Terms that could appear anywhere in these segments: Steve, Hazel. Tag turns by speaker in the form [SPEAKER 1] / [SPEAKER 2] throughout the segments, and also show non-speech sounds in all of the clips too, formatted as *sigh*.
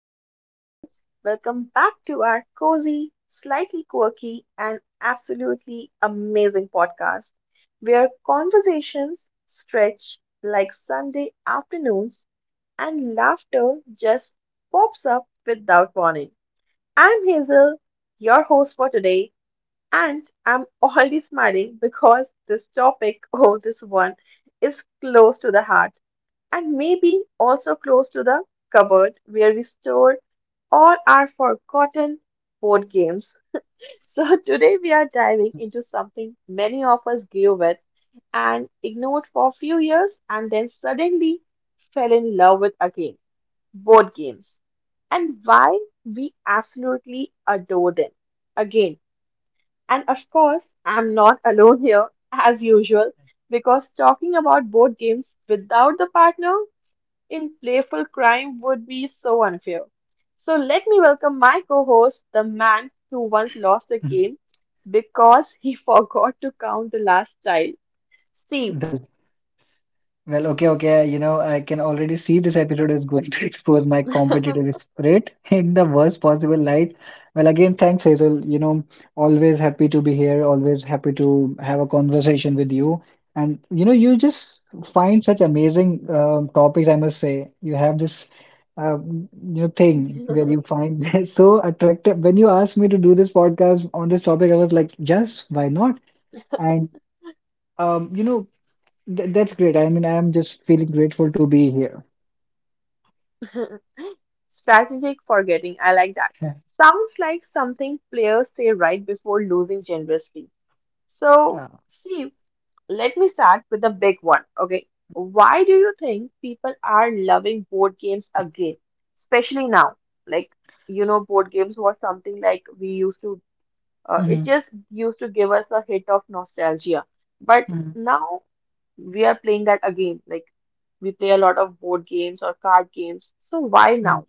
[SPEAKER 1] lovely people. Welcome back to our cozy, slightly quirky, and absolutely amazing podcast where conversations stretch like Sunday afternoons and laughter just pops up without warning. I'm Hazel, your host for today, and I'm already smiling because this topic, *laughs* oh, this one, is close to the heart and maybe also close to the cupboard where we store all our forgotten board games. *laughs* So, today we are diving into something many of us grew with and ignored for a few years and then suddenly fell in love with again board games and why we absolutely adore them again. And of course, I'm not alone here as usual because talking about board games without the partner in playful crime would be so unfair. So let me welcome my co-host, the man who once lost a game because he *laughs* forgot to count the last child, Steve.
[SPEAKER 2] Well, well, okay. You know, I can already see this episode is going to *laughs* expose my competitive spirit *laughs* in the worst possible light. Well, again, thanks, Hazel. You know, always happy to be here, always happy to have a conversation with you. And, you know, you just find such amazing topics, I must say. You have this, um, you know, thing where you
[SPEAKER 1] *laughs*
[SPEAKER 2] find *laughs* so attractive. When you asked me to do this podcast on this topic, I was like, yes, why not? And you know, that's great. I mean, I am just feeling grateful to be here.
[SPEAKER 1] Strategic forgetting, I like that.
[SPEAKER 2] Yeah.
[SPEAKER 1] Sounds like something players say right before losing generously. So,
[SPEAKER 2] Uh,
[SPEAKER 1] Steve, let me start with the big one. Okay. Why do you think people are loving board games again, especially now? Like, you know, board games was something like it
[SPEAKER 2] mhm,
[SPEAKER 1] just used to give us a hit of nostalgia. But
[SPEAKER 2] mhm,
[SPEAKER 1] now we are playing that again. Like, we play a lot of board games or card games. So why
[SPEAKER 2] mhm.
[SPEAKER 1] now?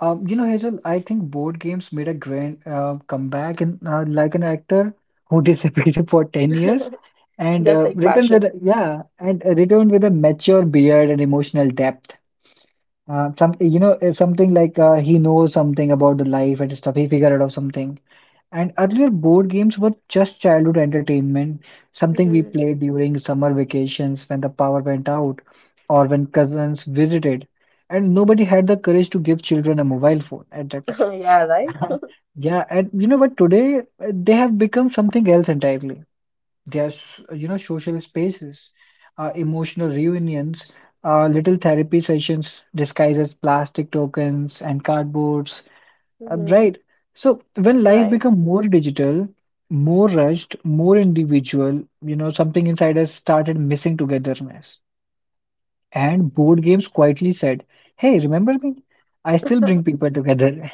[SPEAKER 2] You know, Hazel, I think board games made a grand comeback and like an actor who *laughs* disappeared for 10
[SPEAKER 1] *laughs*
[SPEAKER 2] years and
[SPEAKER 1] Just like passion.
[SPEAKER 2] returned with a mature beard and emotional depth. Some you know something like he knows something about the life and stuff. He figured out something. And earlier, board games were just childhood entertainment, something we
[SPEAKER 1] Hmm.
[SPEAKER 2] played during summer vacations when the power went out or when cousins visited. And nobody had the courage to give children a mobile phone at that
[SPEAKER 1] *laughs* Yeah, right?
[SPEAKER 2] time. *laughs* Yeah, and you know, but today they have become something else entirely. They are, you know, social spaces, emotional reunions, little therapy sessions disguised as plastic tokens and cardboards
[SPEAKER 1] Hmm.
[SPEAKER 2] right. So when life
[SPEAKER 1] Right.
[SPEAKER 2] become more digital, more rushed, more individual, you know, something inside us started missing togetherness. And board games quietly said, "Hey, remember me? I still
[SPEAKER 1] *laughs*
[SPEAKER 2] bring people together." *laughs*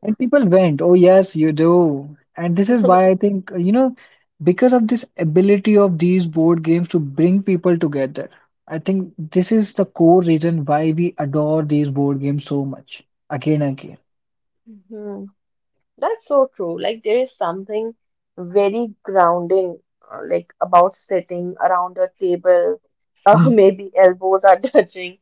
[SPEAKER 2] And people went, "Oh yes, you do." And this is why I think, you know, because of this ability of these board games to bring people together, I think this is the core reason why we adore these board games so much, again and
[SPEAKER 1] Mhm. That's so true. Like there is something very grounding, like about sitting around a table, *laughs*
[SPEAKER 2] again. *laughs*
[SPEAKER 1] maybe elbows are *laughs* touching,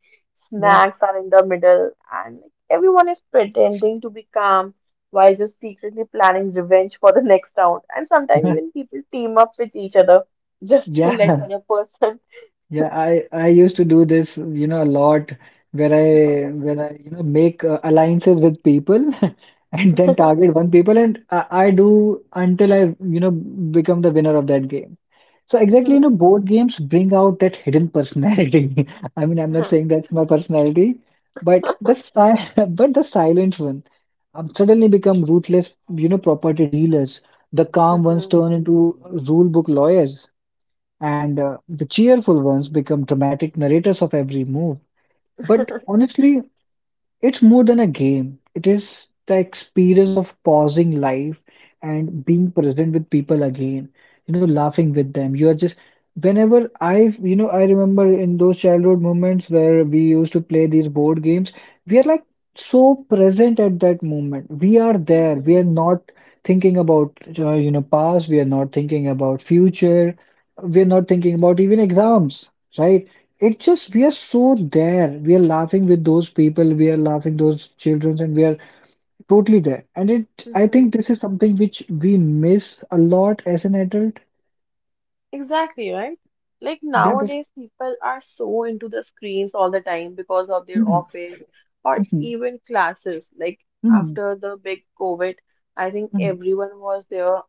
[SPEAKER 2] Yeah.
[SPEAKER 1] snacks are in the middle, and like, everyone is pretending to be calm while just secretly planning revenge for the *laughs* next round. And sometimes even
[SPEAKER 2] *laughs*
[SPEAKER 1] people team up with each other *laughs* just to
[SPEAKER 2] Yeah,
[SPEAKER 1] let other person.
[SPEAKER 2] yeah, I used to do this, you know, a lot where I you know make alliances with people *laughs* and then
[SPEAKER 1] *laughs*
[SPEAKER 2] target one people and I do until I you know become the winner of that game. So exactly, you
[SPEAKER 1] Mhm.
[SPEAKER 2] know, board games bring out that hidden personality. *laughs* I mean, I'm not saying
[SPEAKER 1] *laughs*
[SPEAKER 2] that's my personality, but the si *laughs* but the silent one suddenly become ruthless, you know, property dealers. The calm ones
[SPEAKER 1] Mhm.
[SPEAKER 2] turn into rule book lawyers and the cheerful ones become dramatic narrators of every move. But
[SPEAKER 1] *laughs*
[SPEAKER 2] honestly, it's more than a game. It is the experience of pausing life and being present with people again, you know, laughing with them. You are just, whenever I, you know, I remember in those childhood moments where we used to play these board games, we are like so present at that moment. We are there. We are
[SPEAKER 1] Mhm.
[SPEAKER 2] not thinking about, you know, past. We are not thinking about future. We are not thinking about even exams, right? It just we are so there. We are laughing with those people. We are laughing those children, and we are totally there. And it, I think,
[SPEAKER 1] Mhm.
[SPEAKER 2] this is something which we miss a lot as an adult.
[SPEAKER 1] Exactly, right? Like
[SPEAKER 2] Yeah, that.
[SPEAKER 1] nowadays, people are so into the screens all the time because of their
[SPEAKER 2] Mhm,
[SPEAKER 1] office or
[SPEAKER 2] mhm,
[SPEAKER 1] even classes. Like
[SPEAKER 2] mhm,
[SPEAKER 1] after the big COVID, I think
[SPEAKER 2] mhm,
[SPEAKER 1] everyone was there.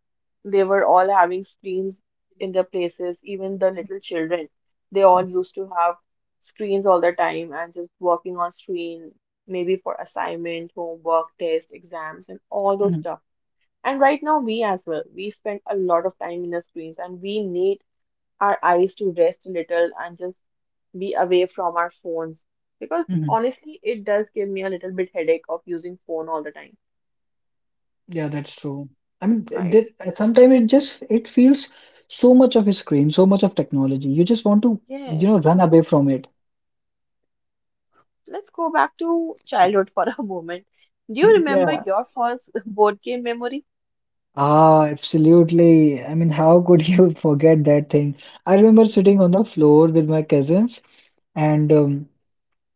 [SPEAKER 1] They were all having screens in their places, even the little children. They all used to have screens all the time and just working on screen, maybe for assignment, homework, test, exams, and all those
[SPEAKER 2] mhm,
[SPEAKER 1] stuff. And right now, we as well, we spend a lot of time in the screens and we need our eyes to rest a little and just be away from our phones because
[SPEAKER 2] mhm.
[SPEAKER 1] honestly it does give me a little bit headache of using phone all the time.
[SPEAKER 2] Yeah, that's true. I mean,
[SPEAKER 1] Right.
[SPEAKER 2] sometimes it just it feels so much of a screen, so much of technology. You just want to, you know,
[SPEAKER 1] Yes.
[SPEAKER 2] run away from it.
[SPEAKER 1] Let's go back to childhood for *laughs* a moment. Do you remember
[SPEAKER 2] Yeah,
[SPEAKER 1] your first *laughs* board game memory?
[SPEAKER 2] ah, absolutely. I mean, how could *laughs* you forget that thing? I
[SPEAKER 1] *laughs*
[SPEAKER 2] remember
[SPEAKER 1] Hmm.
[SPEAKER 2] sitting on the floor with my cousins and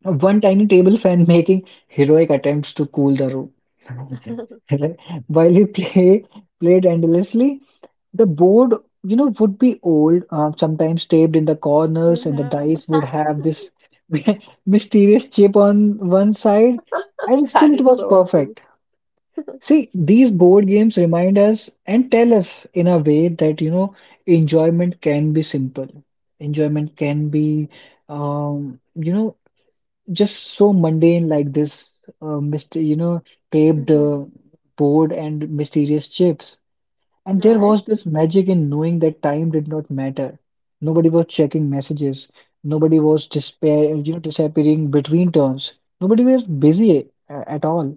[SPEAKER 2] one tiny table fan *laughs* making heroic attempts to cool the room. *laughs* Right? While we played endlessly, the board, you know, would be old, sometimes taped in the corners, and the
[SPEAKER 1] *laughs*
[SPEAKER 2] dice would have this *laughs* mysterious chip on one side, and still
[SPEAKER 1] That
[SPEAKER 2] it
[SPEAKER 1] is
[SPEAKER 2] was
[SPEAKER 1] so true.
[SPEAKER 2] perfect. See, these board games remind us and tell us in a way that, you know, enjoyment can be simple. Enjoyment can be, you know, just so mundane like this, myster you know, taped
[SPEAKER 1] Hmm.
[SPEAKER 2] board and mysterious chips. And there
[SPEAKER 1] Right.
[SPEAKER 2] was this magic in knowing that time did not matter. Nobody was checking messages. Nobody was you know, disappearing between turns. Nobody was busy at all.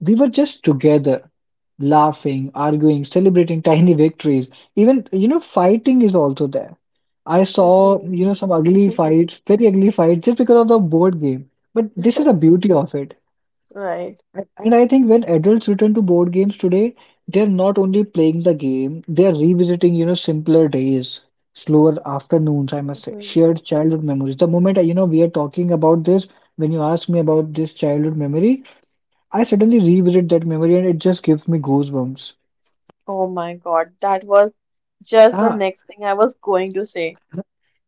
[SPEAKER 2] We were just together, laughing, arguing, celebrating tiny victories. Even, you know, fighting is also there. I saw,
[SPEAKER 1] Hmm.
[SPEAKER 2] you know, some ugly
[SPEAKER 1] *laughs*
[SPEAKER 2] fights, very ugly fights, just because of the board game. But this is the beauty of it.
[SPEAKER 1] Right.
[SPEAKER 2] And I think when adults return to board games today, they're not only playing the game, they're revisiting, you know, simpler days, slower afternoons, I must say,
[SPEAKER 1] Hmm.
[SPEAKER 2] shared childhood memories. The moment, you know, we are talking about this, when you ask me about this childhood memory, I suddenly revisit that memory and it just gives me goosebumps.
[SPEAKER 1] Oh my God, that was just the
[SPEAKER 2] Ah,
[SPEAKER 1] next thing I was going to say.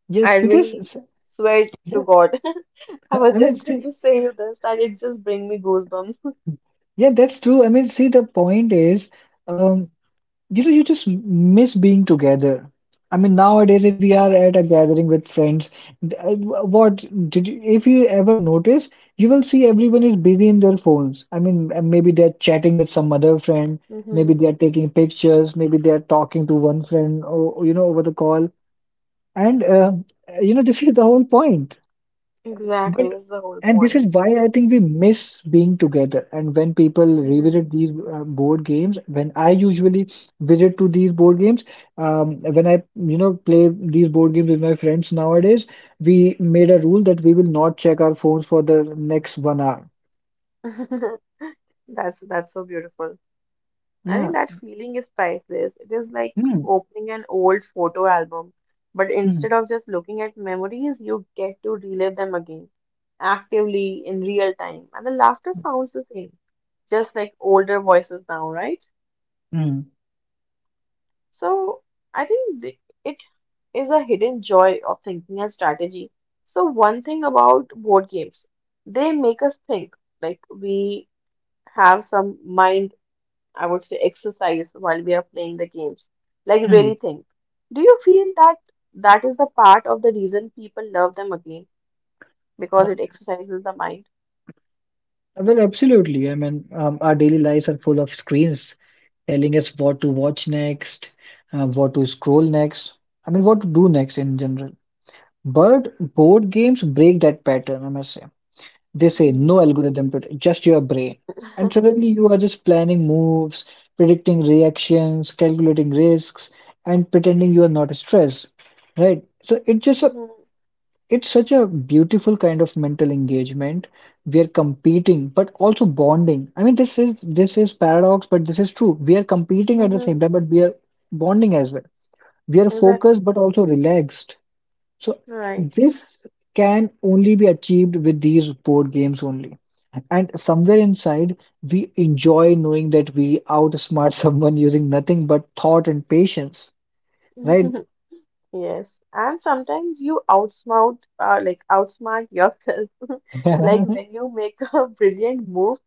[SPEAKER 2] yes,
[SPEAKER 1] I
[SPEAKER 2] because
[SPEAKER 1] really swear to
[SPEAKER 2] yeah,
[SPEAKER 1] God, *laughs*
[SPEAKER 2] *laughs*
[SPEAKER 1] I was
[SPEAKER 2] I mean,
[SPEAKER 1] just going
[SPEAKER 2] see,
[SPEAKER 1] to say you this, that it just bring me goosebumps.
[SPEAKER 2] yeah, that's true. I mean, see, the point is, um, you know, you just miss being together. I mean, nowadays, if we are at a gathering with friends, what did you, if you ever notice, you will see everyone is busy in their phones. I mean, maybe they're chatting with some other friend, maybe
[SPEAKER 1] Hmm.
[SPEAKER 2] they're taking pictures, maybe they're talking to one friend, or you know, over the call. And you know, this is the whole point.
[SPEAKER 1] Exactly,
[SPEAKER 2] But
[SPEAKER 1] that's the whole
[SPEAKER 2] and this is
[SPEAKER 1] point.
[SPEAKER 2] why I think we miss being together. And when people
[SPEAKER 1] Hmm.
[SPEAKER 2] revisit these board games, when I usually visit to these board games, when I you know play these board games with my friends nowadays, we made a rule that we will not check our phones for the next 1 hour.
[SPEAKER 1] *laughs* That's so beautiful. I
[SPEAKER 2] Yeah.
[SPEAKER 1] think that feeling is priceless. It is like
[SPEAKER 2] Mm,
[SPEAKER 1] opening an old photo album, but
[SPEAKER 2] mm,
[SPEAKER 1] instead of just looking at memories, you get to relive them again, actively in real time. And the laughter sounds the same, just like older voices now, right?
[SPEAKER 2] mm,
[SPEAKER 1] So I think it is the hidden joy of thinking and strategy. So one thing about board games, they make us think. Like we have some mind, I would say, exercise while we are playing the games. Like really
[SPEAKER 2] mm.
[SPEAKER 1] think. Do you feel that that is the part of the reason people love them again? Because it exercises the mind.
[SPEAKER 2] Well, absolutely. I mean, our daily lives are full of screens telling us what to watch next, what to scroll next, I mean, what to do next in general. But board games break that pattern, I must say. They say
[SPEAKER 1] Hmm.
[SPEAKER 2] no algorithm today, just your brain. And
[SPEAKER 1] *laughs*
[SPEAKER 2] suddenly you are just planning moves, predicting reactions, calculating risks, and pretending you are not stressed, right? So
[SPEAKER 1] Hmm.
[SPEAKER 2] it's such a beautiful kind of mental engagement. We are competing, but also bonding. I mean, this is paradox, but this is true. We are competing at the same
[SPEAKER 1] Hmm.
[SPEAKER 2] time, but we are bonding as well. We are focused,
[SPEAKER 1] Exactly.
[SPEAKER 2] but also relaxed. So
[SPEAKER 1] Right.
[SPEAKER 2] this can only be achieved with these board games only. And somewhere inside, we enjoy knowing that we outsmart *laughs* someone using nothing but thought and patience, right?
[SPEAKER 1] *laughs* Yes, and sometimes you outsmart yourself. *laughs* Like
[SPEAKER 2] *laughs*
[SPEAKER 1] when you make a *laughs* brilliant move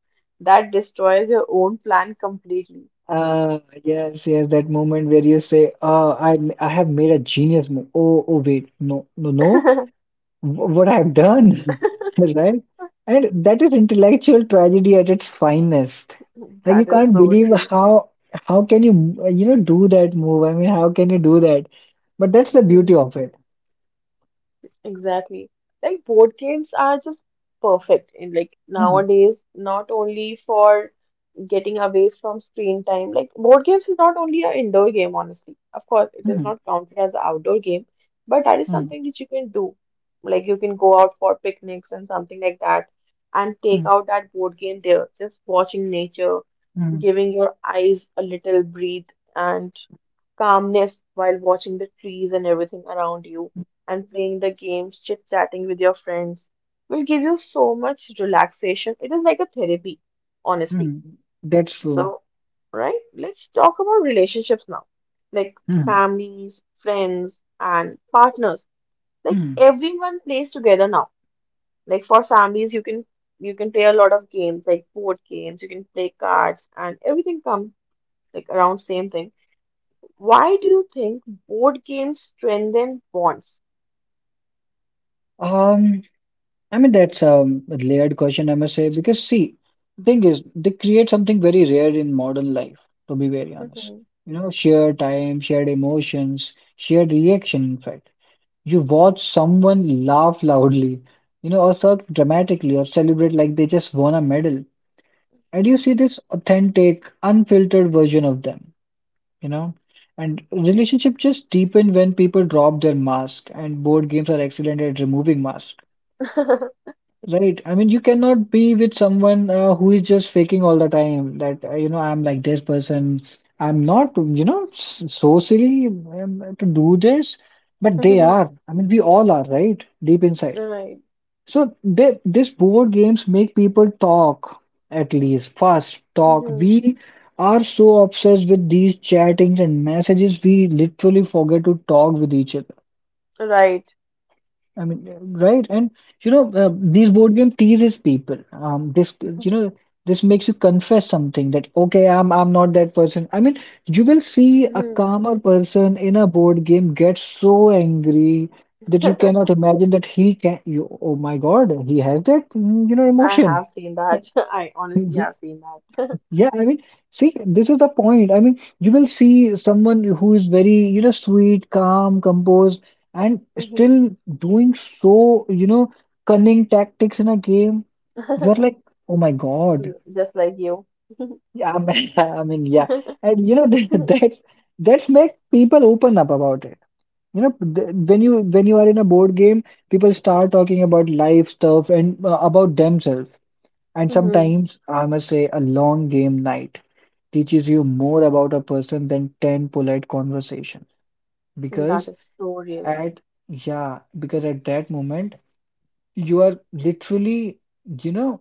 [SPEAKER 1] that destroys your own plan completely.
[SPEAKER 2] Ah, yes, yes, that moment where you say, "Oh, I, I have made a genius move." Oh, oh, wait, no, no, no,
[SPEAKER 1] *laughs*
[SPEAKER 2] What I have done, *laughs* right? And that is intellectual tragedy at its finest. Like you
[SPEAKER 1] That is
[SPEAKER 2] can't
[SPEAKER 1] so
[SPEAKER 2] believe
[SPEAKER 1] true.
[SPEAKER 2] how can you you know do that move? I mean, how can you do that? But that's the beauty
[SPEAKER 1] Hmm.
[SPEAKER 2] of it.
[SPEAKER 1] Exactly. Like board games are just perfect in like
[SPEAKER 2] hmm
[SPEAKER 1] nowadays, not only for getting away from screen time. Like board games is not only an indoor game, honestly. Of course, it is
[SPEAKER 2] hmm
[SPEAKER 1] not counted as an outdoor game, but that is
[SPEAKER 2] hmm
[SPEAKER 1] something that you can do. Like you can go out for picnics and something like that and take
[SPEAKER 2] hmm
[SPEAKER 1] out that board game there, just watching nature,
[SPEAKER 2] hmm
[SPEAKER 1] giving your eyes a little breathe and calmness while watching the trees and everything around you and playing the games, chit-chatting with your friends will give you so much relaxation. It is like a therapy, honestly.
[SPEAKER 2] hmm That's true.
[SPEAKER 1] So, right, let's talk about relationships now. Like
[SPEAKER 2] hmm
[SPEAKER 1] families, friends, and partners. Like
[SPEAKER 2] hmm
[SPEAKER 1] everyone plays together now. Like for families, you can play a lot of games, like board games, you can play cards, and everything comes like around same thing. Why do you think board games strengthen bonds?
[SPEAKER 2] I mean, that's a layered question, I must say, because see, the thing is, they create something very rare in modern life, to be very honest.
[SPEAKER 1] Mhm.
[SPEAKER 2] You know, shared time, shared emotions, shared reaction, in fact. You watch someone laugh loudly, you know, or sort of dramatically, or celebrate like they just won a medal. And you see this authentic, unfiltered version of them, you know? And relationship just deepen when people drop their mask, and board games are excellent at removing masks.
[SPEAKER 1] *laughs*
[SPEAKER 2] Right. I mean, you cannot be with someone who is just faking all the time that, you know, I'm like this person. I'm not, you know, so silly to do this, but they are. I mean, we all are, right? Deep inside.
[SPEAKER 1] Right.
[SPEAKER 2] So they, this board games make people talk, at least first talk.
[SPEAKER 1] Mhm.
[SPEAKER 2] We are so obsessed with these chattings and messages, we literally forget to talk with each other.
[SPEAKER 1] Right.
[SPEAKER 2] I mean, right? And you know, these board game teases people. This, you know, this makes you confess something that okay, I'm not that person. I mean, you will see a
[SPEAKER 1] Mhm.
[SPEAKER 2] calmer person in a board game get so angry that you cannot
[SPEAKER 1] *laughs*
[SPEAKER 2] imagine that he can. You, oh my God, he has that, mm, you know,
[SPEAKER 1] I
[SPEAKER 2] emotion.
[SPEAKER 1] have seen that. *laughs* I honestly have
[SPEAKER 2] *laughs*
[SPEAKER 1] seen that. *laughs*
[SPEAKER 2] Yeah, I mean, see, this is the point. I mean, you will see someone who is very, you know, sweet, calm, composed, and
[SPEAKER 1] Mhm.
[SPEAKER 2] still doing so, you know, cunning tactics in a game. You're like,
[SPEAKER 1] *laughs*
[SPEAKER 2] oh my God.
[SPEAKER 1] Just like you.
[SPEAKER 2] Yeah, I mean, *laughs* I mean, yeah.
[SPEAKER 1] *laughs*
[SPEAKER 2] And you know, *laughs* that's make people open up about it. You know, when you are in a board game, people start talking about life stuff and about themselves. And
[SPEAKER 1] Mhm.
[SPEAKER 2] sometimes, I must say, a long game night teaches you more about a person than 10 polite conversation
[SPEAKER 1] And that
[SPEAKER 2] because
[SPEAKER 1] is so real.
[SPEAKER 2] at yeah because at that moment you are literally, you know,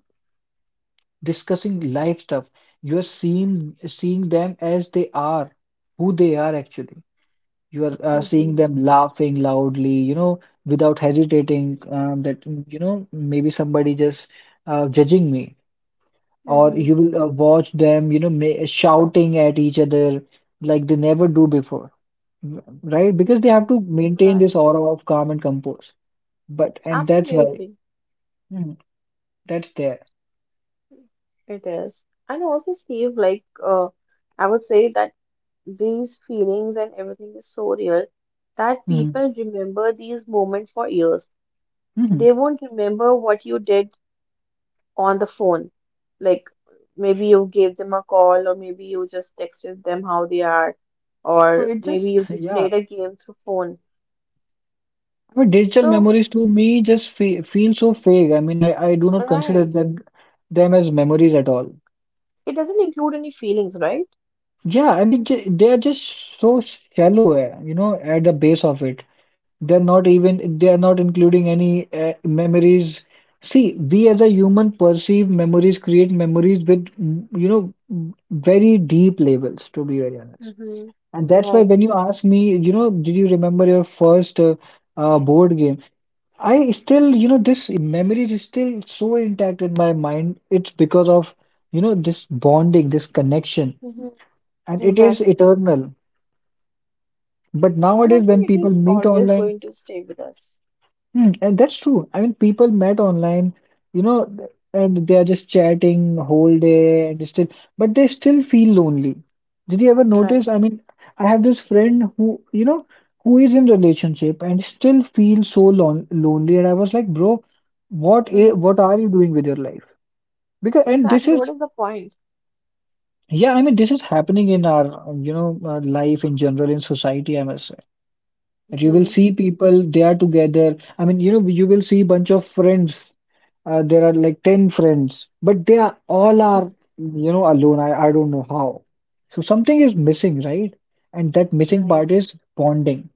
[SPEAKER 2] discussing life stuff. You are seeing them as they are, who they are actually. You are seeing
[SPEAKER 1] Mm-hmm.
[SPEAKER 2] them laughing loudly, you know, without hesitating that, you know, maybe somebody just judging me. Or
[SPEAKER 1] Mm-hmm.
[SPEAKER 2] you will watch them, you know, ma shouting at each other like they never do before, right? Because they have
[SPEAKER 1] Mm-hmm.
[SPEAKER 2] to maintain
[SPEAKER 1] Right.
[SPEAKER 2] this aura of calm and compose. But and that's why
[SPEAKER 1] Absolutely.
[SPEAKER 2] mm, that's there.
[SPEAKER 1] It is. And also, Steve, like, I would say that these feelings and everything is so real that
[SPEAKER 2] Mm,
[SPEAKER 1] people remember these moments for years.
[SPEAKER 2] hmm
[SPEAKER 1] They won't remember what you did on the phone. Like maybe you gave them a call, or maybe you just texted them how they are,
[SPEAKER 2] So
[SPEAKER 1] or
[SPEAKER 2] it
[SPEAKER 1] maybe
[SPEAKER 2] just
[SPEAKER 1] you
[SPEAKER 2] *laughs*
[SPEAKER 1] just
[SPEAKER 2] yeah.
[SPEAKER 1] played a game through phone.
[SPEAKER 2] I mean, digital
[SPEAKER 1] So,
[SPEAKER 2] memories to me just fe feel so fake. I mean, I do not consider
[SPEAKER 1] right.
[SPEAKER 2] them as memories at all.
[SPEAKER 1] It doesn't include any feelings, right?
[SPEAKER 2] Yeah, I mean, j They are just so shallow, you know, at the base of it. They're not including any memories. See, we as a human perceive memories, create memories with, you know, very deep levels, to be very honest.
[SPEAKER 1] Mm-hmm.
[SPEAKER 2] And that's why
[SPEAKER 1] Right.
[SPEAKER 2] when you ask me, you know, did you remember your first board game? I still, you know, this memory is still so intact in my mind. It's because of, you know, this bonding, this connection,
[SPEAKER 1] Mm-hmm.
[SPEAKER 2] and it is
[SPEAKER 1] Exactly.
[SPEAKER 2] eternal. But
[SPEAKER 1] And
[SPEAKER 2] nowadays,
[SPEAKER 1] I
[SPEAKER 2] when
[SPEAKER 1] think it
[SPEAKER 2] people
[SPEAKER 1] is
[SPEAKER 2] meet
[SPEAKER 1] always
[SPEAKER 2] online,
[SPEAKER 1] going to stay with us.
[SPEAKER 2] hmm, and that's true. I mean, people met
[SPEAKER 1] Mhm.
[SPEAKER 2] online, you know, and they are just chatting whole day and still, but they still feel lonely. Did you ever notice?
[SPEAKER 1] Right.
[SPEAKER 2] I mean, I have this friend who, you know, who is in relationship and still feels so lonely. And I was like, bro,
[SPEAKER 1] Mm-hmm.
[SPEAKER 2] what are you doing with your life? Because and this
[SPEAKER 1] Exactly.
[SPEAKER 2] is,
[SPEAKER 1] What is the point?
[SPEAKER 2] yeah, I mean, this is happening in our, you know, life in general in society, I must say, that you will
[SPEAKER 1] Mm-hmm.
[SPEAKER 2] see people, they are together. I mean, you know, you will see bunch of friends, there are like 10 friends, but they are all are, you know, alone. I don't know how. So something is missing, right? And that missing part
[SPEAKER 1] Right.
[SPEAKER 2] is bonding.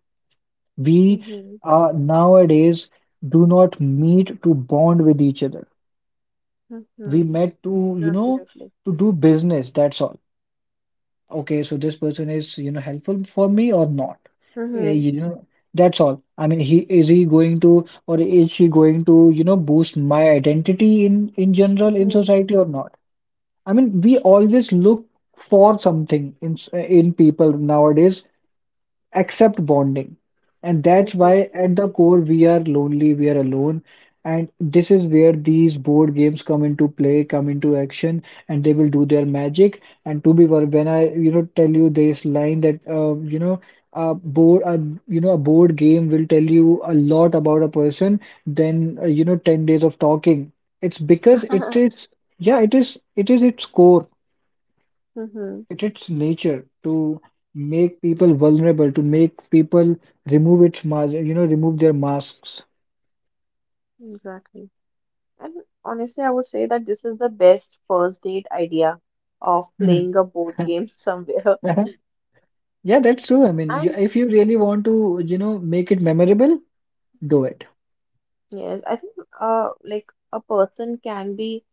[SPEAKER 2] We
[SPEAKER 1] Mm-hmm.
[SPEAKER 2] Nowadays, do not meet to bond with each other. We
[SPEAKER 1] Mm-hmm.
[SPEAKER 2] met to, you know,
[SPEAKER 1] Absolutely.
[SPEAKER 2] to do business, that's all. Okay, so this person is, you know, helpful for me or not?
[SPEAKER 1] Mm-hmm.
[SPEAKER 2] You know, that's all. I mean, he going to, or is she going to, you know, boost my identity in general in
[SPEAKER 1] Mm-hmm.
[SPEAKER 2] society or not? I mean, we always look for something in in people nowadays accept bonding. And that's why,
[SPEAKER 1] Exactly.
[SPEAKER 2] at the core, we are lonely, we are alone. And this is where these board games come into play, come into action, and they will do their magic. And when I, you know, tell you this line that, you know, a board, a, you know, a board game will tell you a lot about a person than, you know, 10 days of talking. It's because it
[SPEAKER 1] *laughs*
[SPEAKER 2] is, yeah, it is its core.
[SPEAKER 1] Mm-hmm.
[SPEAKER 2] It is nature to make people vulnerable, to make people remove its mask, you know, remove their masks.
[SPEAKER 1] Exactly. And honestly, I would say that this is the best first date idea of
[SPEAKER 2] Mhm.
[SPEAKER 1] playing a board game *laughs* somewhere.
[SPEAKER 2] *laughs* Yeah, that's true. I mean, you,
[SPEAKER 1] And
[SPEAKER 2] if you really want to, you know, make it memorable, do it.
[SPEAKER 1] yes, I think like a person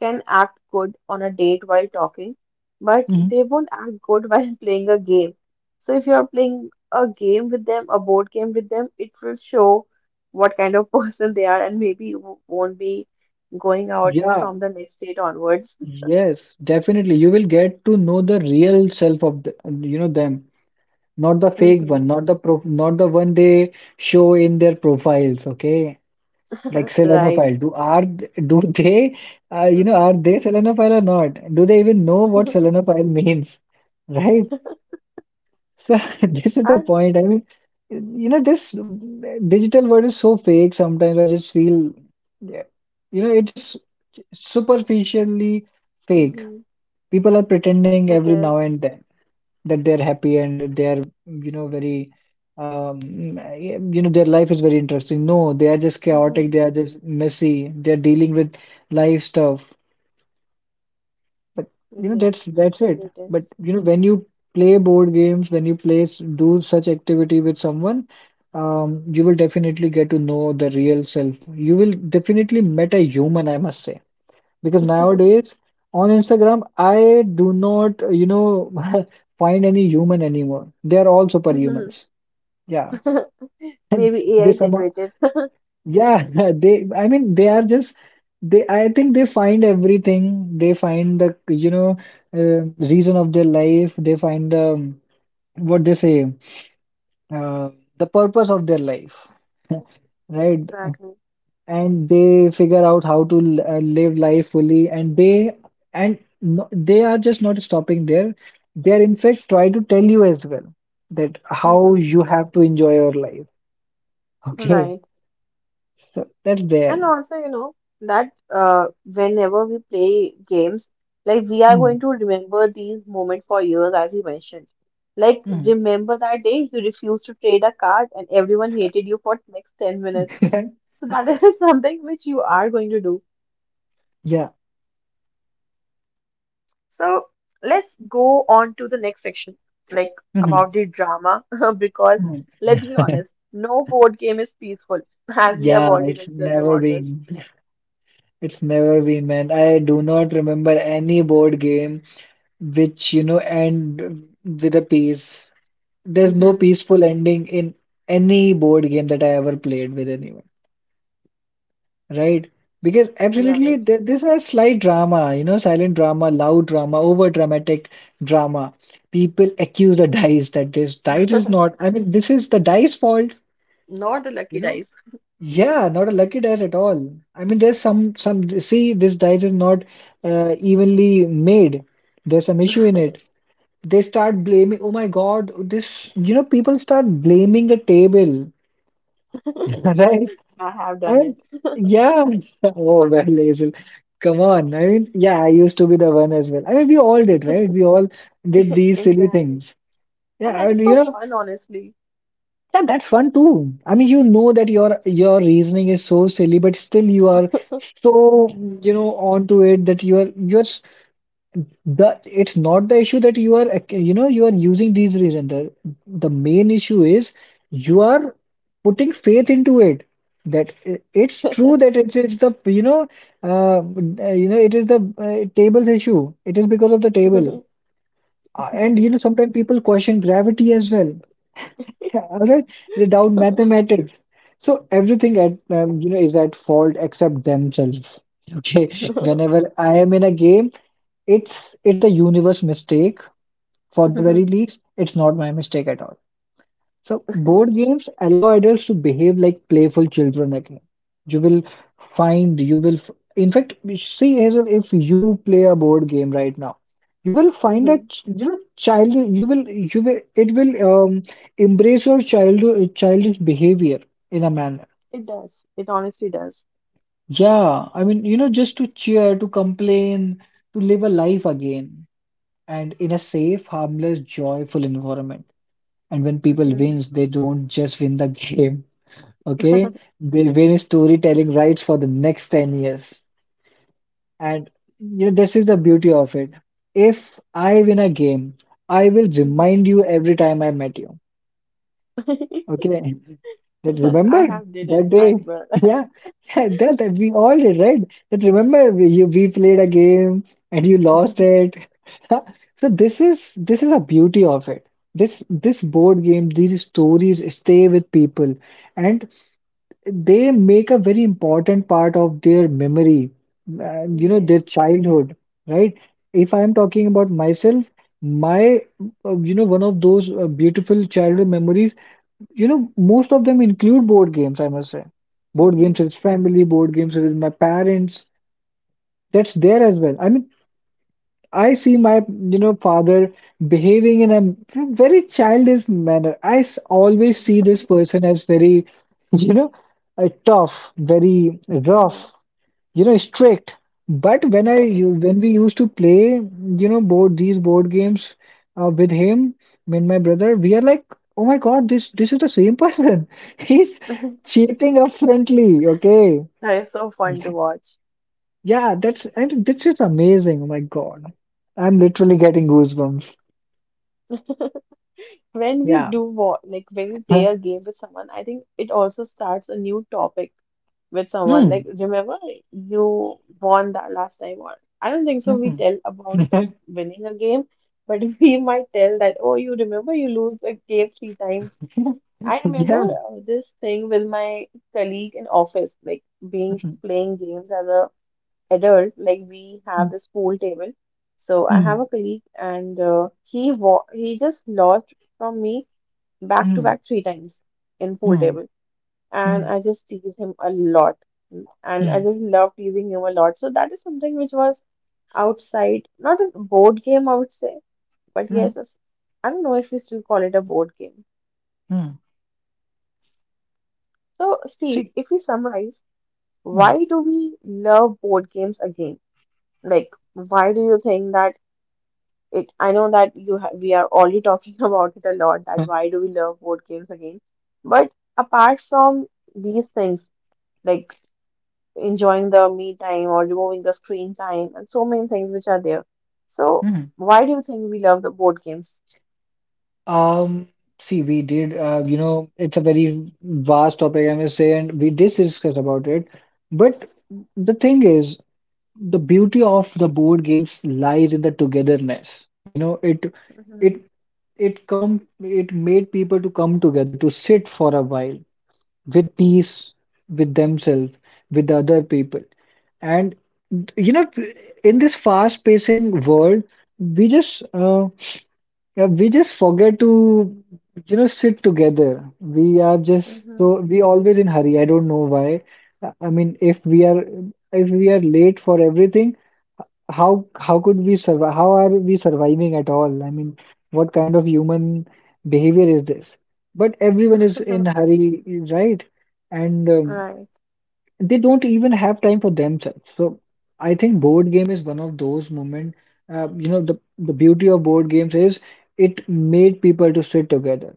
[SPEAKER 1] can act good on a date while talking, but
[SPEAKER 2] Mhm.
[SPEAKER 1] they won't act good *laughs* while playing a game. So if you're playing a game with them, a board game with them, it will show what kind of *laughs* person they are and maybe you won't be going out
[SPEAKER 2] Yeah,
[SPEAKER 1] from the next date onwards.
[SPEAKER 2] yes, definitely. You will get to know the real self of the, you know, them, not the
[SPEAKER 1] *laughs*
[SPEAKER 2] fake
[SPEAKER 1] Hmm.
[SPEAKER 2] one, not the pro, not the one they show in their profiles. Okay. Like
[SPEAKER 1] *laughs* Right.
[SPEAKER 2] selenophile, do are do they, you know, are they selenophile or not? Do they even know what
[SPEAKER 1] *laughs*
[SPEAKER 2] selenophile means? Right? So, *laughs* this is the
[SPEAKER 1] I,
[SPEAKER 2] point. I mean, you know, this digital world is so fake, sometimes I just feel, yeah, you know, it just superficially fake.
[SPEAKER 1] mm-hmm,
[SPEAKER 2] People are pretending
[SPEAKER 1] it
[SPEAKER 2] every now
[SPEAKER 1] is.
[SPEAKER 2] and then that they're happy and they're, you know, very you know, their life is very interesting. No, they are just chaotic,
[SPEAKER 1] Mm-hmm,
[SPEAKER 2] they are just messy, they're dealing with life stuff. But
[SPEAKER 1] it
[SPEAKER 2] you know,
[SPEAKER 1] is.
[SPEAKER 2] that's it.
[SPEAKER 1] Truly it
[SPEAKER 2] But
[SPEAKER 1] is.
[SPEAKER 2] you know, when you play board games, when you play do such activity with someone, you will definitely get to know the real self. You will definitely met a human, I must say. Because
[SPEAKER 1] *laughs*
[SPEAKER 2] nowadays on Instagram, I do not, you know, *laughs* find any human anymore. They are all
[SPEAKER 1] Mm-hmm.
[SPEAKER 2] superhumans. Yeah.
[SPEAKER 1] *laughs*
[SPEAKER 2] *laughs*
[SPEAKER 1] Maybe
[SPEAKER 2] They
[SPEAKER 1] AI
[SPEAKER 2] somehow,
[SPEAKER 1] generated. *laughs*
[SPEAKER 2] yeah, *laughs* they, I mean, they are just, they, I think they find everything. They find the, you know, reason of their life. They find the, what they say, uh, the purpose of their life, *laughs* right?
[SPEAKER 1] Exactly.
[SPEAKER 2] And they figure out how to live life fully. And they, and no, they are just not stopping there. They are in fact try to tell you as well that how
[SPEAKER 1] Mm-hmm.
[SPEAKER 2] you have to enjoy your life. *laughs* Okay,
[SPEAKER 1] Right.
[SPEAKER 2] so that's there.
[SPEAKER 1] And also, you know, that whenever we play games, like we are going
[SPEAKER 2] Mhm.
[SPEAKER 1] to remember these moments for years, as you mentioned. Like,
[SPEAKER 2] Mhm.
[SPEAKER 1] remember that day you refused to trade a card and everyone hated you for next 10 minutes.
[SPEAKER 2] *laughs*
[SPEAKER 1] So that *laughs* is something which you are going to do.
[SPEAKER 2] Yeah.
[SPEAKER 1] So let's go on to the next section, like
[SPEAKER 2] Mhm.
[SPEAKER 1] about the drama, *laughs* because
[SPEAKER 2] Mhm.
[SPEAKER 1] let's be
[SPEAKER 2] *laughs*
[SPEAKER 1] honest, no board game is peaceful, as we have
[SPEAKER 2] Yeah,
[SPEAKER 1] already
[SPEAKER 2] it's
[SPEAKER 1] discussed
[SPEAKER 2] never
[SPEAKER 1] about this.
[SPEAKER 2] been. It's never been, man. I do not remember any board game which, you know, end with a piece. There's no
[SPEAKER 1] Hmm.
[SPEAKER 2] peaceful ending in any board game that I ever played with anyone, right? Because absolutely,
[SPEAKER 1] Right.
[SPEAKER 2] there, there's a slight drama, you know, silent drama, loud drama, over dramatic drama. People accuse the dice that this dice is
[SPEAKER 1] *laughs*
[SPEAKER 2] not, I mean, this is the dice fault,
[SPEAKER 1] Not the lucky
[SPEAKER 2] you know?
[SPEAKER 1] dice.
[SPEAKER 2] Yeah, not a lucky dice at all. I mean, there's some, see, this dice is not evenly made, there's some issue in it. They start blaming, oh my god, this, you know, people start blaming the table. Right?
[SPEAKER 1] I have done
[SPEAKER 2] And
[SPEAKER 1] it.
[SPEAKER 2] yeah, *laughs* oh well, Hazel, come on. I mean, yeah, I used to be the one as well. I mean, we all did, right? We all did
[SPEAKER 1] *laughs*
[SPEAKER 2] these silly
[SPEAKER 1] Exactly.
[SPEAKER 2] things.
[SPEAKER 1] And that
[SPEAKER 2] Yeah, and
[SPEAKER 1] is so
[SPEAKER 2] you know,
[SPEAKER 1] fun, honestly. *laughs*
[SPEAKER 2] yeah, that's fun too. I mean, you know that your reasoning is so silly, but still you are so, you know, onto it that you are The it's not the issue that you are, you know, you are using these reasons. The main issue is you are putting faith into it. That it's true that it is the, you know, it is the tables issue. It is because of the table. And you know, sometimes people question gravity as well. Other without
[SPEAKER 1] Mhm.
[SPEAKER 2] mathematics. So everything at you know, is at fault except themselves. Okay, whenever I am in a game, it's the universe mistake. For the very least, it's not my mistake at all. So board games allow adults to behave like playful children again. You will find, you will, in fact, see Hazel, if you play a board game right now, you will find
[SPEAKER 1] Mhm.
[SPEAKER 2] that, you know, child, you will, it will um, embrace your childhood, childish behavior in a manner.
[SPEAKER 1] It does. It honestly does.
[SPEAKER 2] Yeah, I mean, you know, just to cheer, to complain, to live a life again, and in a safe, harmless, joyful environment. And when people
[SPEAKER 1] Mhm.
[SPEAKER 2] wins, they don't just win the *laughs* game. Okay,
[SPEAKER 1] *laughs*
[SPEAKER 2] they win storytelling rights for the next 10 years. And you know, this is the beauty of it. If I win a game, I will remind
[SPEAKER 1] Mhm.
[SPEAKER 2] you every time I met you,
[SPEAKER 1] *laughs*
[SPEAKER 2] okay, that remember
[SPEAKER 1] I have did it
[SPEAKER 2] that day,
[SPEAKER 1] as well.
[SPEAKER 2] *laughs* yeah. Yeah, that, that we all did, right? That remember we, you, we played a game and you lost
[SPEAKER 1] *laughs*
[SPEAKER 2] it. *laughs* So this is, this is a beauty of it. This board game, these stories stay with people, and they make a very important part of their memory, you know, their
[SPEAKER 1] Yes.
[SPEAKER 2] childhood, right? If I'm talking about myself, my, you know, one of those beautiful childhood memories, you know, most of them include board games, I must say. Board games
[SPEAKER 1] Mm-hmm.
[SPEAKER 2] with family, board games with my parents, that's there as well. I mean, I see my, you know, father behaving in a very childish manner. I always see this person as very, *laughs* you know, tough, very
[SPEAKER 1] Mhm.
[SPEAKER 2] rough, you know, strict. But when I,
[SPEAKER 1] *laughs*
[SPEAKER 2] when we used to play, you know, board these board games with him, me and my brother, we are like, oh my God, this is the same person. *laughs* He's cheating up friendly, okay?
[SPEAKER 1] That is so fun to
[SPEAKER 2] *laughs*
[SPEAKER 1] watch.
[SPEAKER 2] Yeah, that's and this is amazing. Oh my God. I'm literally getting goosebumps.
[SPEAKER 1] *laughs* When we
[SPEAKER 2] Yeah.
[SPEAKER 1] do wa like when we play
[SPEAKER 2] Huh.
[SPEAKER 1] a game with someone, I think it also starts a new topic with someone.
[SPEAKER 2] Mm.
[SPEAKER 1] Like, remember you won that last time, or I don't think so. We
[SPEAKER 2] Mhm.
[SPEAKER 1] tell about
[SPEAKER 2] *laughs*
[SPEAKER 1] winning a game, but *laughs* we might tell that, oh, you remember you lose a game three times. I remember
[SPEAKER 2] Yeah.
[SPEAKER 1] this thing with my colleague in office, like being
[SPEAKER 2] Mhm.
[SPEAKER 1] playing games as a adult, like we have
[SPEAKER 2] Mm.
[SPEAKER 1] this pool table. So I have
[SPEAKER 2] Mm.
[SPEAKER 1] a colleague, and he just lost from me back to
[SPEAKER 2] Mm.
[SPEAKER 1] back three times in pool
[SPEAKER 2] Mm.
[SPEAKER 1] table, and
[SPEAKER 2] Mm.
[SPEAKER 1] I just tease him a lot, and I
[SPEAKER 2] Mm.
[SPEAKER 1] just love teasing him a lot. So that is something which was outside, not a board game, I would say, but yes,
[SPEAKER 2] Mm.
[SPEAKER 1] I don't know if we still call it a board game.
[SPEAKER 2] Mm.
[SPEAKER 1] So Steve,
[SPEAKER 2] See.
[SPEAKER 1] if we summarize,
[SPEAKER 2] Mm.
[SPEAKER 1] why do we love board games again? Like why do you think that it I know that you ha we are already talking *laughs* about it a lot that
[SPEAKER 2] Huh.
[SPEAKER 1] why do we love board games again? But apart from these things like enjoying the me time or removing the screen time and so many things which are there. So
[SPEAKER 2] Mm.
[SPEAKER 1] why do you think we love the board games?
[SPEAKER 2] Um, See, we did, you know, it's a very vast topic, I must say, and we did discuss about it. But the thing is, the beauty of the board games lies in the togetherness. You know,
[SPEAKER 1] Mm-hmm.
[SPEAKER 2] it it come it made people to come together to sit for a while with peace, with themselves, with the other people. And you know, in this fast-pacing world, we just uh, yeah, we just forget to sit together. We are just
[SPEAKER 1] Mm-hmm.
[SPEAKER 2] so we always in hurry. I don't know why. I mean, if we are late for everything, how could we survive? How are we surviving at all? I mean, what kind of human behavior is this? But everyone is in
[SPEAKER 1] *laughs*
[SPEAKER 2] hurry, right? And
[SPEAKER 1] Right.
[SPEAKER 2] they don't even have time for themselves. So I think board game is one of those moment. The beauty of board games is it made people to sit together.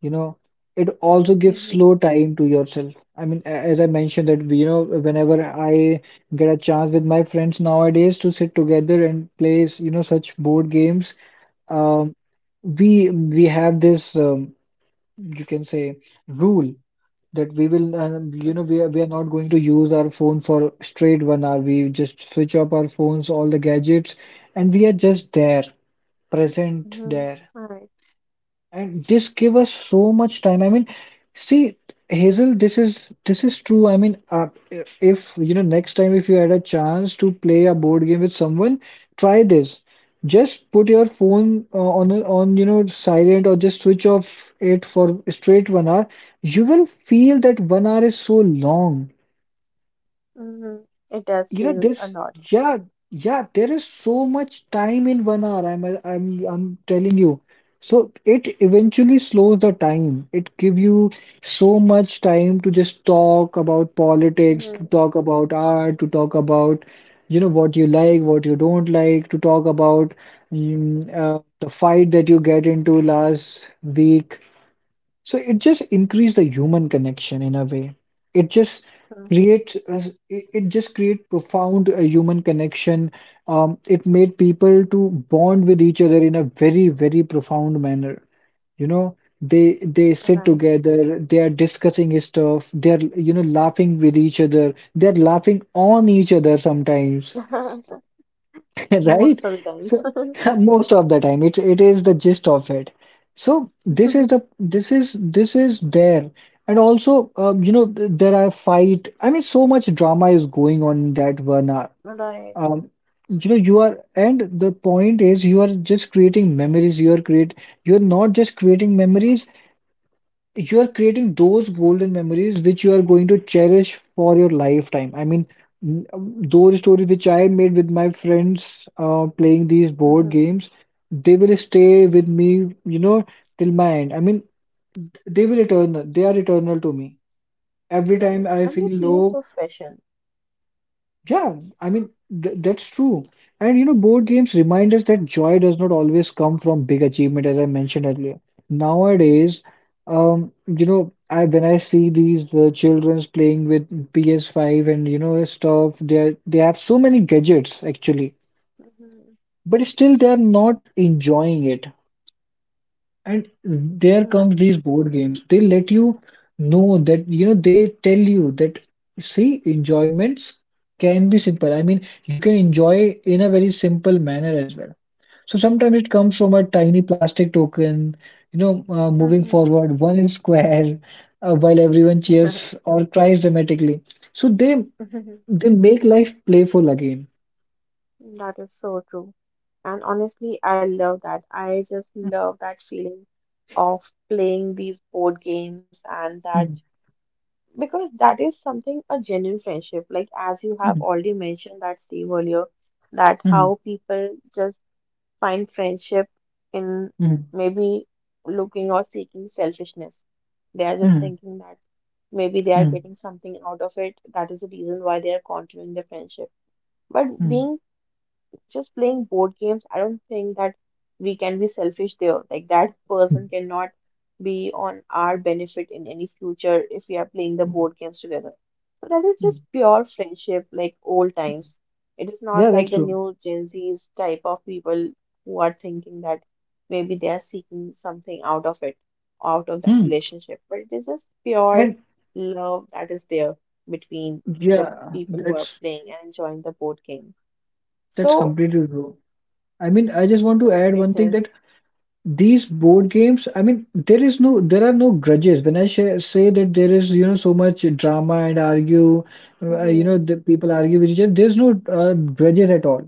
[SPEAKER 2] you know it also gives slow
[SPEAKER 1] Mm-hmm.
[SPEAKER 2] time to yourself. I mean, as I mentioned that, whenever I get a chance with my friends nowadays to sit together and play such board games. um we have this you can say rule that we will, we are not going to use our phone for straight 1 hour. We just switch off our phones, all the gadgets, and we are just there, present
[SPEAKER 1] Mm-hmm.
[SPEAKER 2] there.
[SPEAKER 1] Right.
[SPEAKER 2] And this give us so much time. I mean, see, Hazel, this is true. I mean, if next time, if you had a chance to play a board game with someone, try this. Just put your phone on silent or just switch off it for straight 1 hour. You will feel that 1 hour is so long.
[SPEAKER 1] Mm-hmm. It does
[SPEAKER 2] You know
[SPEAKER 1] feel
[SPEAKER 2] this.
[SPEAKER 1] a lot.
[SPEAKER 2] Yeah, yeah, there is so much time in 1 hour. I'm telling you. So it eventually slows the time. It give you so much time to just talk about politics, to
[SPEAKER 1] Mm-hmm.
[SPEAKER 2] talk about art, to talk about what you like, what you don't like, to talk about the fight that you get into last week. So it just increase the human connection in a way. It just create profound human connection. It made people to bond with each other in a very, very profound manner. You know, they
[SPEAKER 1] Mm-hmm.
[SPEAKER 2] sit
[SPEAKER 1] Right.
[SPEAKER 2] together, they are discussing stuff, they are laughing with each other, they are laughing on each other sometimes.
[SPEAKER 1] *laughs*
[SPEAKER 2] *laughs* Right?
[SPEAKER 1] Most of the times.
[SPEAKER 2] So *laughs* most of the time it is the gist of it. So this is the
[SPEAKER 1] *laughs*
[SPEAKER 2] this is this is there. And also, there are fight. I mean, so much drama is going on in that 1 hour.
[SPEAKER 1] Right.
[SPEAKER 2] Um, and the point is, you are just creating memories. You are create. You're not just creating memories, you are creating those golden memories which you are going to cherish for your lifetime. I mean, those stories which I made with my friends playing these board
[SPEAKER 1] Mm-hmm.
[SPEAKER 2] games, they will stay with me, till my end. I mean, they will eternal. They are eternal to me. Every time
[SPEAKER 1] Right.
[SPEAKER 2] I
[SPEAKER 1] And they
[SPEAKER 2] feel
[SPEAKER 1] feel
[SPEAKER 2] low.
[SPEAKER 1] so special.
[SPEAKER 2] Yeah, I mean, th that's true. And board games remind us that joy does not always come from big achievement, as I mentioned earlier. Nowadays, I when I see these children's playing with PS5 and stuff. They have so many gadgets actually,
[SPEAKER 1] Mm-hmm.
[SPEAKER 2] but still they are not enjoying it. And there comes
[SPEAKER 1] Right.
[SPEAKER 2] these board games. They let you know that, they tell you that, see, enjoyments can be simple. I mean, you can enjoy in a very simple manner as well. So sometimes it comes from a tiny plastic token, moving forward *laughs* one square, while everyone cheers or cries dramatically. So they
[SPEAKER 1] Mhm.
[SPEAKER 2] they make life playful again.
[SPEAKER 1] *laughs* That is so true. And honestly, I love that. I just love that feeling of playing these board games and that
[SPEAKER 2] Mhm,
[SPEAKER 1] because that is something a genuine friendship. Like as you have
[SPEAKER 2] mhm,
[SPEAKER 1] already mentioned that Steve earlier, that
[SPEAKER 2] mhm,
[SPEAKER 1] how people just find friendship in
[SPEAKER 2] mhm,
[SPEAKER 1] maybe looking or seeking selfishness. They are just
[SPEAKER 2] mhm,
[SPEAKER 1] thinking that maybe they are
[SPEAKER 2] mhm,
[SPEAKER 1] getting something out of it. That is the reason why they are continuing the friendship. But
[SPEAKER 2] mhm,
[SPEAKER 1] being just playing board games, I don't think that we can be selfish there. Like that person cannot be on our benefit in any future if we are playing the
[SPEAKER 2] mhm,
[SPEAKER 1] board games together. So that is
[SPEAKER 2] mhm.
[SPEAKER 1] just pure friendship, like old times. It is not
[SPEAKER 2] Yeah,
[SPEAKER 1] like
[SPEAKER 2] that's
[SPEAKER 1] the
[SPEAKER 2] true.
[SPEAKER 1] new Gen Z's type of people who are thinking that maybe they are seeking something out of it, out of that
[SPEAKER 2] Hmm.
[SPEAKER 1] relationship. But it is just pure
[SPEAKER 2] And
[SPEAKER 1] love that is there between the
[SPEAKER 2] yeah,
[SPEAKER 1] people who are
[SPEAKER 2] that's
[SPEAKER 1] playing and enjoying the board game.
[SPEAKER 2] that's
[SPEAKER 1] So
[SPEAKER 2] completely true. I mean, I just want to add
[SPEAKER 1] it
[SPEAKER 2] one thing
[SPEAKER 1] is.
[SPEAKER 2] that these board games, I mean, there are no grudges. When I say that there is, so much drama and argue,
[SPEAKER 1] Mm-hmm.
[SPEAKER 2] the people argue with each other, there's no grudges at all.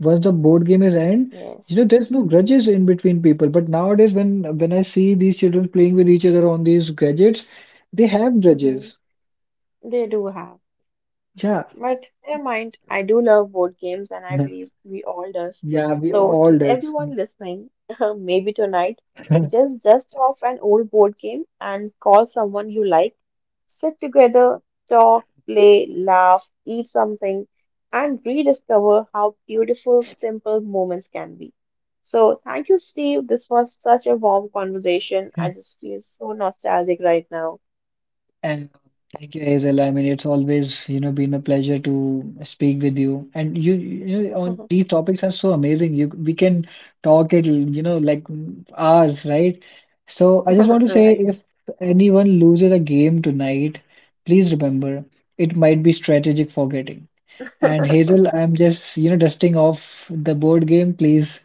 [SPEAKER 2] Once the board game is end,
[SPEAKER 1] Yes.
[SPEAKER 2] there's no grudges in between people. But nowadays, when I see these children playing with each other on these gadgets, they have
[SPEAKER 1] Mm-hmm.
[SPEAKER 2] grudges.
[SPEAKER 1] They do have.
[SPEAKER 2] Yeah,
[SPEAKER 1] But never mind, I do love board games and I
[SPEAKER 2] *laughs*
[SPEAKER 1] believe we all does.
[SPEAKER 2] yeah, we
[SPEAKER 1] So
[SPEAKER 2] all
[SPEAKER 1] to
[SPEAKER 2] does.
[SPEAKER 1] everyone listening, *laughs* maybe tonight, just dust off an old board game and call someone you like. Sit together, talk, play, laugh, eat something, and rediscover how beautiful, simple moments can be. So thank you, Steve. This was such a warm conversation. I
[SPEAKER 2] *laughs*
[SPEAKER 1] just feel so nostalgic right now.
[SPEAKER 2] And thank you, Hazel. I mean, it's always, been a pleasure to speak with you. And you, you know,
[SPEAKER 1] *laughs*
[SPEAKER 2] on these topics are so amazing. We can talk it, like, hours, right? So I just want to say,
[SPEAKER 1] Right.
[SPEAKER 2] if anyone loses a game tonight, please remember it might be strategic forgetting. And Hazel, I'm just, dusting off the board game. Please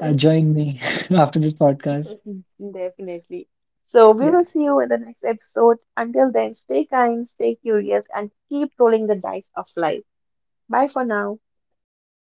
[SPEAKER 2] join me *laughs* after this podcast.
[SPEAKER 1] Mhm. Definitely. So we
[SPEAKER 2] Yeah.
[SPEAKER 1] will see you in the next episode. Until then, stay kind, stay curious, and keep rolling the dice of life. Bye for now.
[SPEAKER 2] Yeah.